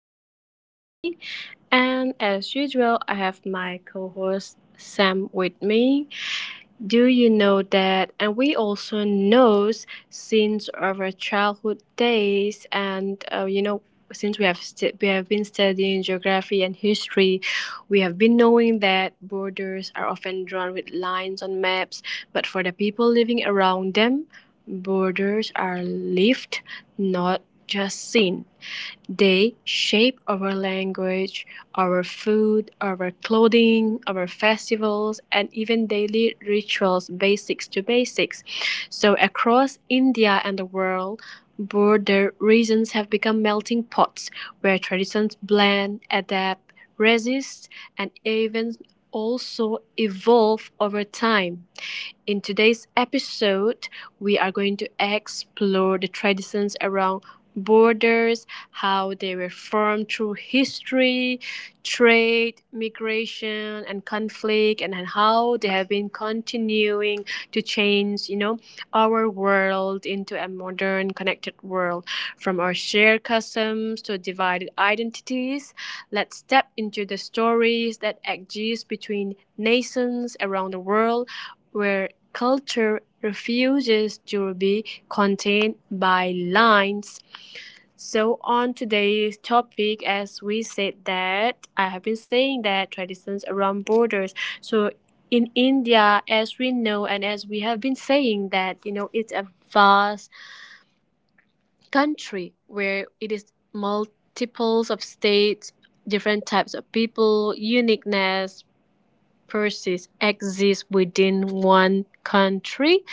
host, Jessie, and as usual, I have my co host Sam with me. Do you know that? And we also knows since our childhood days, and since we have been studying geography and history, we have been knowing that borders are often drawn with lines on maps, but for the people living around them, borders are lived, not just seen. They shape our language, our food, our clothing, our festivals, and even daily rituals, basics to basics. So, across India and the world, border regions have become melting pots where traditions blend, adapt, resist, and even also evolve over time. In today's episode, we are going to explore the traditions around borders, how they were formed through history, trade, migration, and conflict, and then how they have been continuing to change, our world into a modern, connected world. From our shared customs to divided identities, let's step into the stories that exist between nations around the world where culture refuses to be contained by lines. So on today's topic, as we said that I have been saying that traditions around borders. So in India, as we know and as we have been saying that you know it's a vast country where it is multiples of states, different types of people, uniqueness persists exists within one country,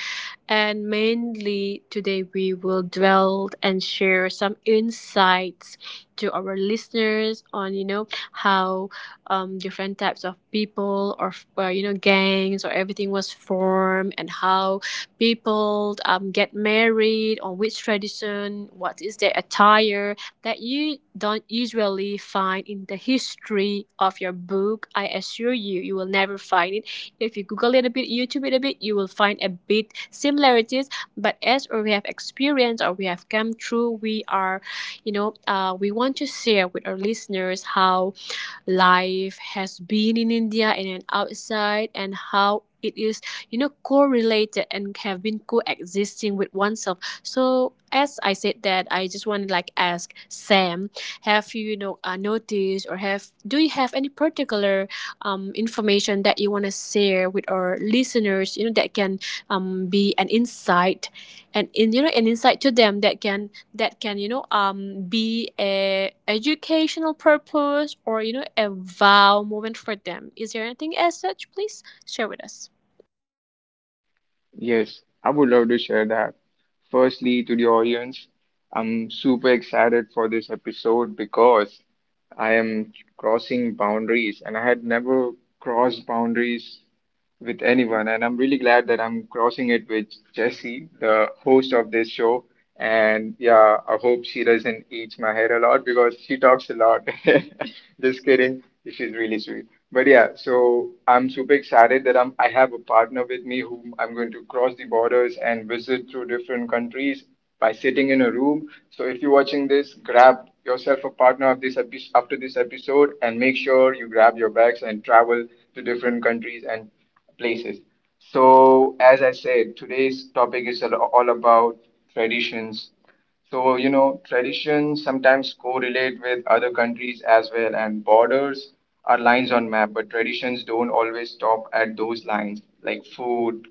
and mainly today we will dwell and share some insights to our listeners on you know how different types of people or you know gangs or everything was formed, and how people get married on which tradition, what is their attire that you don't usually find in the history of your book. I assure you, you will never find it if you Google it a bit, YouTube it a bit, you will find a bit similarities. But as we have experienced or we have come through, we are, we want to share with our listeners how life has been in India and then outside and how it is, you know, correlated and have been coexisting with oneself. So as I said that, I just want to like ask Sam, have you, noticed or have, do you have any particular information that you want to share with our listeners, you know, that can be an insight and, in, you know, an insight to them that can you know be a educational purpose or you know a wow moment for them? Is there anything as such? Please share with us. Yes, I would love to share that. Firstly, to the audience, I'm super excited for this episode because I am crossing boundaries and I had never crossed boundaries with anyone. And I'm really glad that I'm crossing it with Jesse, the host of this show. And yeah, I hope she doesn't eat my hair a lot because she talks a lot. Just kidding. She's really sweet. But yeah, so I'm super excited that I have a partner with me whom I'm going to cross the borders and visit through different countries by sitting in a room. So if you're watching this, grab yourself a partner of this after this episode and make sure you grab your bags and travel to different countries and places. So, as I said, today's topic is all about traditions. So, you know, traditions sometimes correlate with other countries as well, and borders are lines on map, but traditions don't always stop at those lines, like food,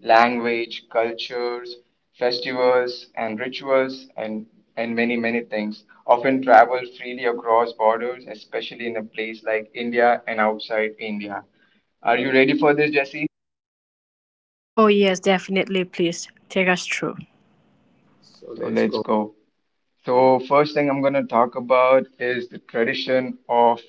language, cultures, festivals, and rituals, and many, many things. Often travel freely across borders, especially in a place like India and outside India. Are you ready for this, Jesse? Oh, yes, definitely. Please take us through. So let's go. So first thing I'm going to talk about is the tradition of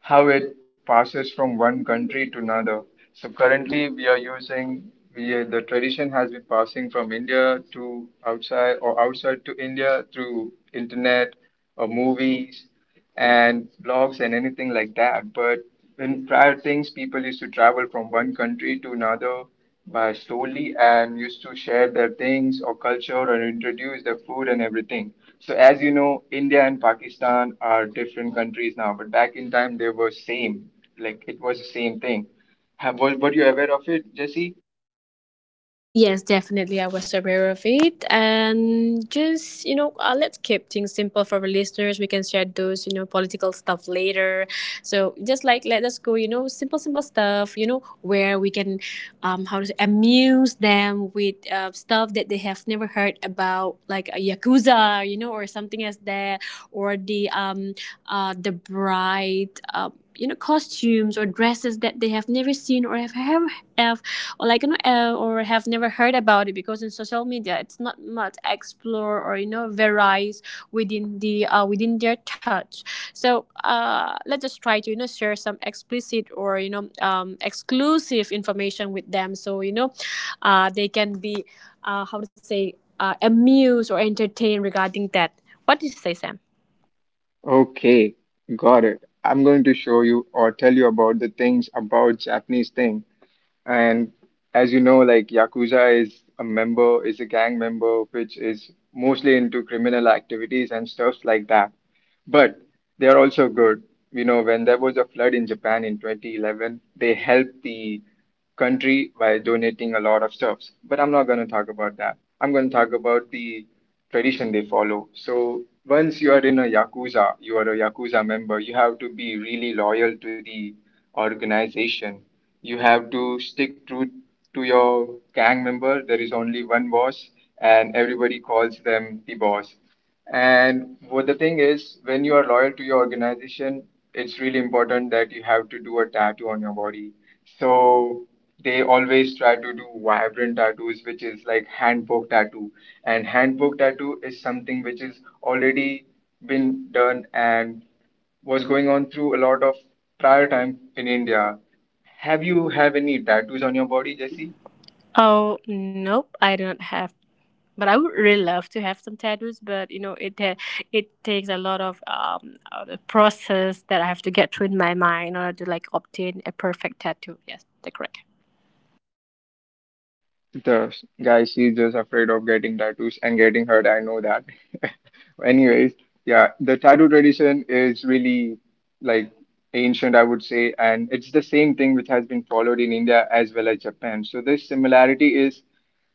how it passes from one country to another. So currently we are using we are- the tradition has been passing from India to outside or outside to India through internet or movies and blogs and anything like that. But in prior things, people used to travel from one country to another by slowly and used to share their things or culture and introduce their food and everything. So as you know, India and Pakistan are different countries now, but back in time they were same. Like it was the same thing. Were you aware of it, Jesse? Yes, definitely. I was aware of it. And just, let's keep things simple for our listeners. We can share those, you know, political stuff later. So just like, let us go, you know, simple stuff, you know, where we can, how to say, amuse them with stuff that they have never heard about, like a Yakuza, you know, or something as that, or the bride, uh, you know, costumes or dresses that they have never seen or have like you know or have never heard about it, because in social media it's not much explore or you know varies within the within their touch. So let's just try to you know share some explicit or you know exclusive information with them, so you know they can be how to say amused or entertained regarding that. What do you say, Sam? Okay, got it. I'm going to show you or tell you about the things about Japanese thing. And as you know, like Yakuza is a gang member, which is mostly into criminal activities and stuff like that. But they are also good. You know, when there was a flood in Japan in 2011, they helped the country by donating a lot of stuffs. But I'm not going to talk about that. I'm going to talk about the tradition they follow. So once you are in a Yakuza, you are a Yakuza member, you have to be really loyal to the organization, you have to stick true to your gang member. There is only one boss, and everybody calls them the boss. And what the thing is, when you are loyal to your organization, it's really important that you have to do a tattoo on your body. So they always try to do vibrant tattoos, which is like hand poke tattoo. And hand poke tattoo is something which is already been done and was going on through a lot of prior time in India. Have you have any tattoos on your body, Jesse? Oh nope, I don't have, but I would really love to have some tattoos, but you know, it takes a lot of the process that I have to get through in my mind in order to like obtain a perfect tattoo. Yes, that's correct. The guy, she's just afraid of getting tattoos and getting hurt. I know that. Anyways, yeah, the tattoo tradition is really like ancient, I would say, and it's the same thing which has been followed in India as well as Japan. So this similarity is.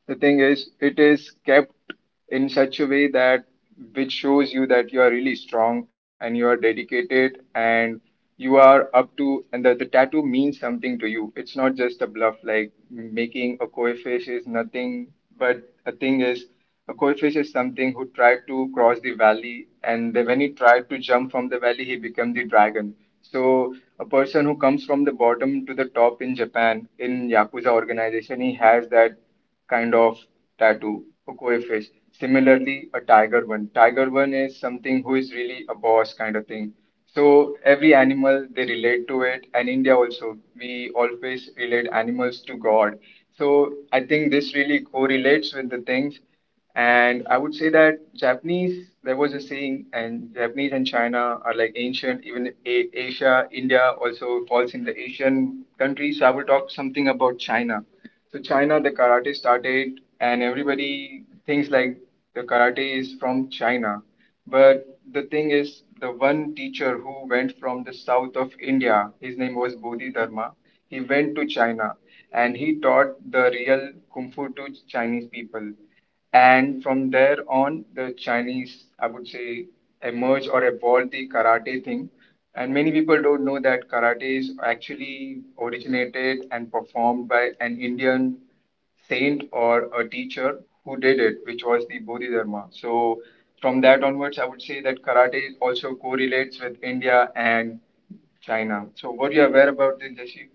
The thing is, it is kept in such a way that which shows you that you are really strong and you are dedicated and you are up to and the tattoo means something to you. It's not just a bluff like making a koi fish is nothing but a thing is a koi fish is something who tried to cross the valley and then when he tried to jump from the valley he became the dragon. So a person who comes from the bottom to the top in Japan in Yakuza organization he has that kind of tattoo, a koi fish. Similarly, a tiger one. Tiger one is something who is really a boss kind of thing. So every animal they relate to it, and India also we always relate animals to God. So I think this really correlates with the things. And I would say that Japanese, there was a saying, and Japanese and China are like ancient, even Asia, India also falls in the Asian countries. So I will talk something about China. So China, the karate started, and everybody thinks like the karate is from China. But the thing is, the one teacher who went from the south of India, his name was Bodhidharma, he went to China and he taught the real Kung Fu to Chinese people. And from there on, the Chinese, I would say, emerged or evolved the karate thing and many people don't know that karate is actually originated and performed by an Indian saint or a teacher who did it, which was the Bodhidharma. So, from that onwards, I would say that karate also correlates with India and China. So, were you aware about this, Jashi?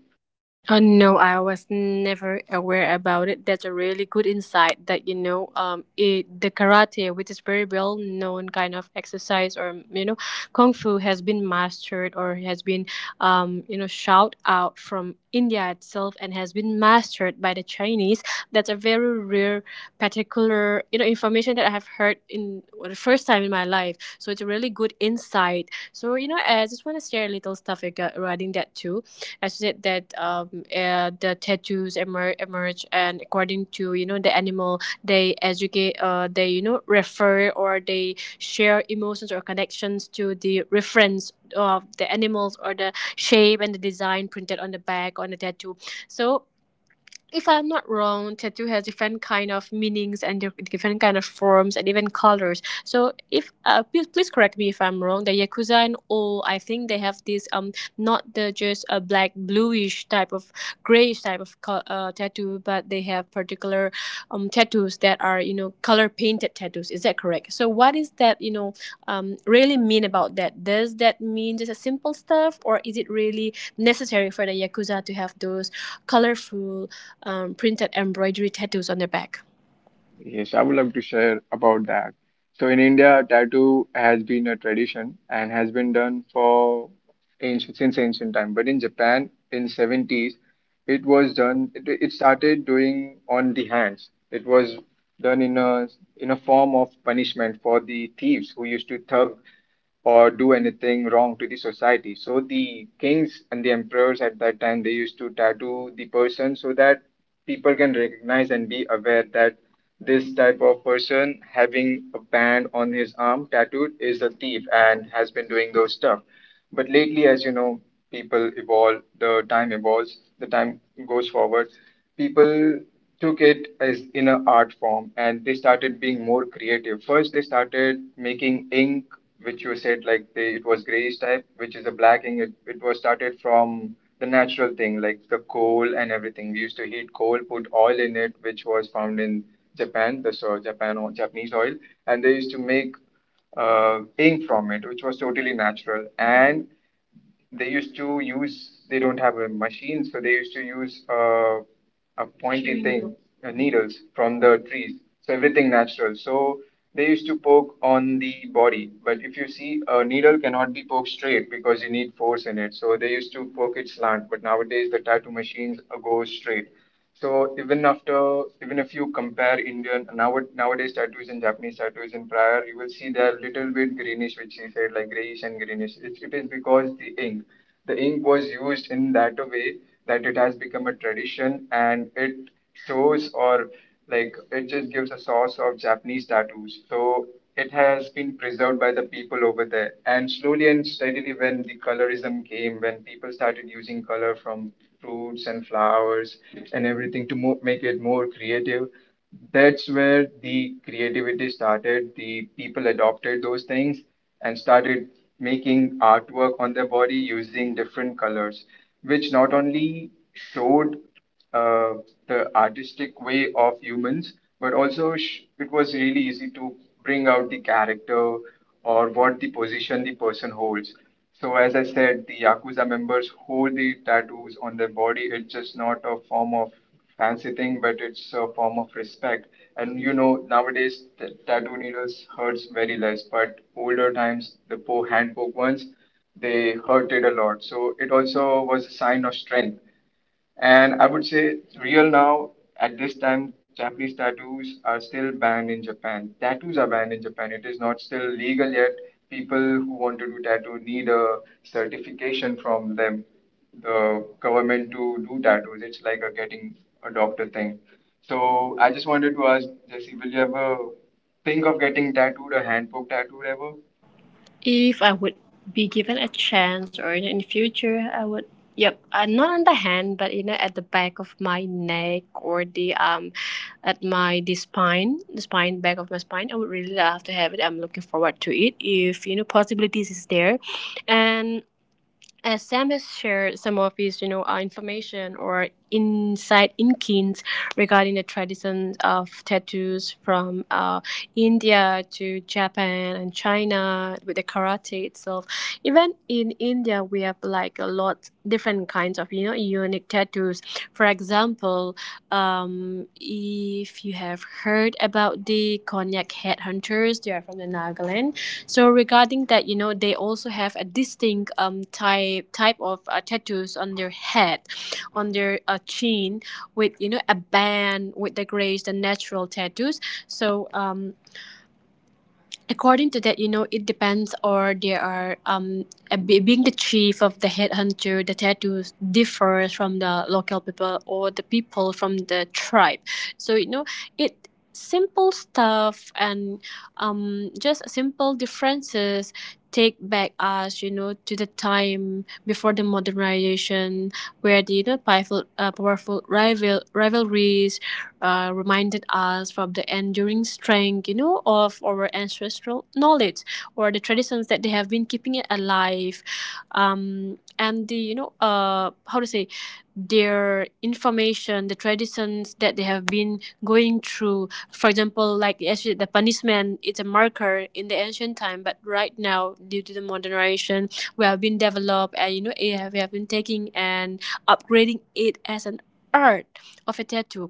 No, I was never aware about it. That's a really good insight that you know, it, the karate, which is very well known kind of exercise, or you know, kung fu has been mastered or has been, you know, shout out from India itself and has been mastered by the Chinese. That's a very rare, particular, you know, information that I have heard in well, the first time in my life. So it's a really good insight. So you know, I just want to share a little stuff regarding that too. I said that the emerge, and according to you know the animal, they educate, they you know refer or they share emotions or connections to the reference of the animals or the shape and the design printed on the back on the tattoo. So if I'm not wrong, tattoo has different kind of meanings and different kind of forms and even colors. So if please correct me if I'm wrong. The yakuza and all, I think they have this not the just a black bluish type of grayish type of tattoo, but they have particular tattoos that are you know color painted tattoos. Is that correct? So what is that you know really mean about that? Does that mean just a simple stuff, or is it really necessary for the yakuza to have those colorful printed embroidery tattoos on their back? Yes, I would love to share about that. So in India, tattoo has been a tradition and has been done for ancient, since ancient time. But in Japan, in seventies, it was done. It started doing on the hands. It was done in a form of punishment for the thieves who used to thug or do anything wrong to the society. So the kings and the emperors at that time they used to tattoo the person so that people can recognize and be aware that this type of person having a band on his arm tattooed is a thief and has been doing those stuff. But lately, as you know, people evolve, the time evolves, the time goes forward. People took it as in an art form and they started being more creative. First, they started making ink, which you said like they, it was grayish type, which is a black ink. It was started from the natural thing, like the coal and everything. We used to heat coal, put oil in it, which was found in Japan, the so Japan or Japanese oil, and they used to make ink from it, which was totally natural. And they used to use they don't have a machine so they used to use a pointy thing needles from the trees so everything natural so they used to poke on the body but if you see a needle cannot be poked straight because you need force in it so they used to poke it slant but nowadays the tattoo machines go straight so even after, even if you compare Indian nowadays tattoos and Japanese tattoos in prior, you will see they're a little bit greenish, which he said like grayish and greenish. It is because the ink was used in that a way that it has become a tradition and it shows or like it just gives a source of Japanese tattoos. So it has been preserved by the people over there. And slowly and steadily, when the colorism came, when people started using color from fruits and flowers and everything to make it more creative. That's where the creativity started. The people adopted those things and started making artwork on their body using different colors, which not only showed uh, the artistic way of humans, but also it was really easy to bring out the character or what the position the person holds. So, as I said, the Yakuza members hold the tattoos on their body. It's just not a form of fancy thing, but it's a form of respect. And you know, nowadays the tattoo needles hurts very less, but older times the poor hand poke ones they hurted a lot. So it also was a sign of strength. And I would say it's real now at this time Japanese tattoos are still banned in Japan. Tattoos are banned in Japan. It is not still legal yet. People who want to do tattoo need a certification from them, the government to do tattoos. It's like a getting a doctor thing. So I just wanted to ask Jesse, will you ever think of getting tattooed, a hand poke tattooed ever? If I would be given a chance or in the future, I would, yep, not on the hand, but you know, at the back of my neck or the, at my, the spine, back of my spine. I would really love to have it. I'm looking forward to it if, you know, possibilities is there. And as Sam has shared some of his, information or insight in kins regarding the traditions of tattoos from India to Japan and China with the karate itself. Even in India, we have like a lot different kinds of, you know, unique tattoos. For example, if you have heard about the Konyak headhunters, they are from the Nagaland, so regarding that, you know, they also have a distinct type of tattoos on their head, on their chin, with you know a band with the grace, the natural tattoos. So according to that, you know, it depends, or there are being the chief of the headhunter, the tattoos differs from the local people or the people from the tribe. So you know, it simple stuff, and just simple differences take back us you know to the time before the modernization where the you know powerful rivalries reminded us from the enduring strength, you know, of our ancestral knowledge or the traditions that they have been keeping it alive, and the you know, how to say, their information, the traditions that they have been going through. For example, like actually the punishment, it's a marker in the ancient time, but right now, due to the modernization, we have been developed and you know, it we have been taking and upgrading it as an art of a tattoo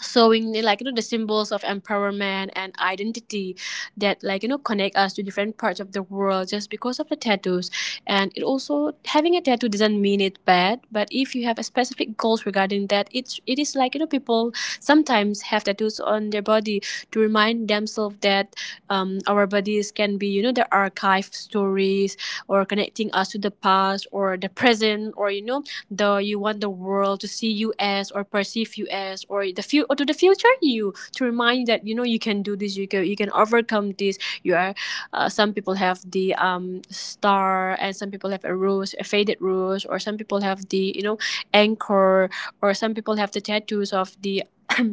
showing the, like you know the symbols of empowerment and identity that like you know connect us to different parts of the world just because of the tattoos. And it also having a tattoo doesn't mean it bad, but if you have a specific goals regarding that, it's it is like you know people sometimes have tattoos on their body to remind themselves that our bodies can be you know the archive stories or connecting us to the past or the present or you know the you want the world to see you as or perceive you as or the few or to the future you to remind you that you know you can do this, you can overcome this, you are some people have the star, and some people have a rose, a faded rose, or some people have the you know anchor, or some people have the tattoos of the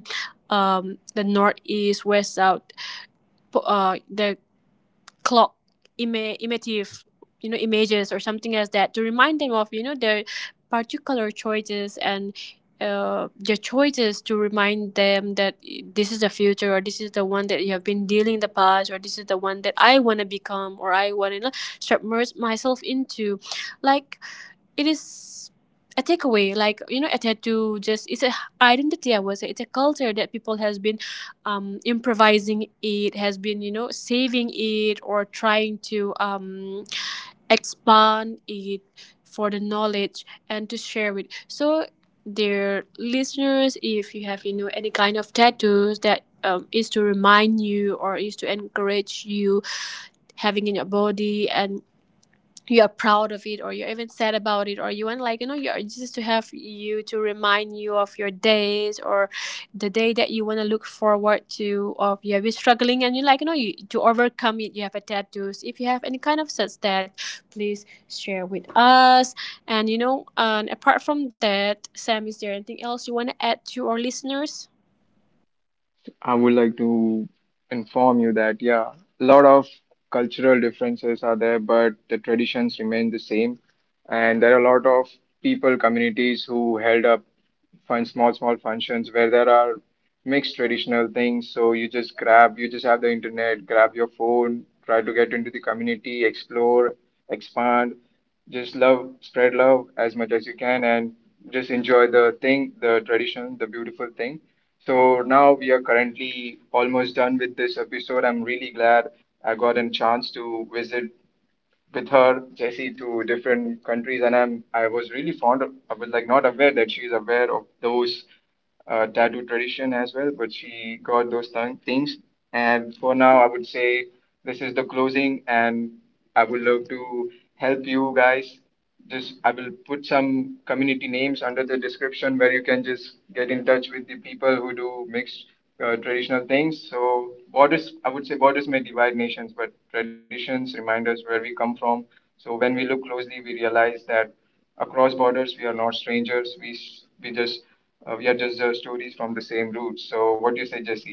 the northeast west south the clock imative you know images or something as that to remind them of you know their particular choices, and their choices to remind them that this is the future or this is the one that you have been dealing in the past or this is the one that I want to become or I want to submerge myself into, like it is a takeaway, like you know a tattoo just it's a identity, I would say it's a culture that people has been improvising, it has been you know saving it or trying to expand it for the knowledge and to share it. So dear listeners, if you have you know any kind of tattoos that is to remind you or is to encourage you having in your body, and you are proud of it or you're even sad about it, or you want like you know you're just to have you to remind you of your days, or the day that you want to look forward to, or you have been struggling and you like you know you to overcome it you have a tattoos, if you have any kind of such that please share with us. And you know, and apart from that, Sam, is there anything else you want to add to our listeners? I would like to inform you that, yeah, a lot of cultural differences are there, but the traditions remain the same. And there are a lot of people, communities who held up fun, small, small functions where there are mixed traditional things. So you just grab, you just have the internet, grab your phone, try to get into the community, explore, expand just love, spread love as much as you can, and just enjoy the thing, the tradition, the beautiful thing. So now we are currently almost done with this episode. I'm really glad I got a chance to visit with her, Jessie, to different countries, and I was really fond of I was like not aware that she's aware of those tattoo tradition as well, but she got those things. And for now, I would say this is the closing, and I would love to help you guys just I will put some community names under the description where you can just get in touch with the people who do mixed traditional things. So borders, I would say borders may divide nations, but traditions remind us where we come from. So when we look closely, we realize that across borders, we are not strangers. We just we are just stories from the same roots. So what do you say, Jesse?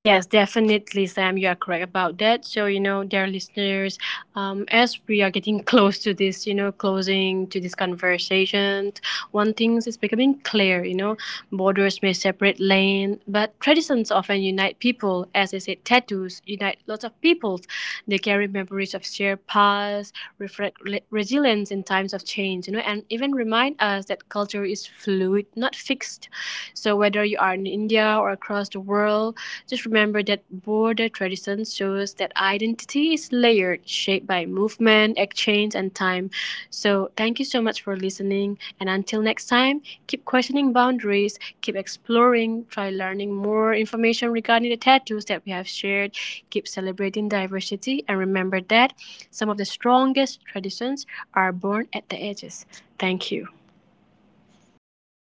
Yes, definitely, Sam. You are correct about that. So, you know, dear listeners, as we are getting close to this, you know, closing to this conversation, one thing is becoming clear, you know, borders may separate lane, but traditions often unite people. As I said, tattoos unite lots of peoples. They carry memories of shared past, reflect resilience in times of change, you know, and even remind us that culture is fluid, not fixed. So whether you are in India or across the world, just remember that border tradition shows that identity is layered, shaped by movement, exchange, and time. So thank you so much for listening, and until next time, keep questioning boundaries, keep exploring, try learning more information regarding the tattoos that we have shared, keep celebrating diversity, and remember that some of the strongest traditions are born at the edges. Thank you.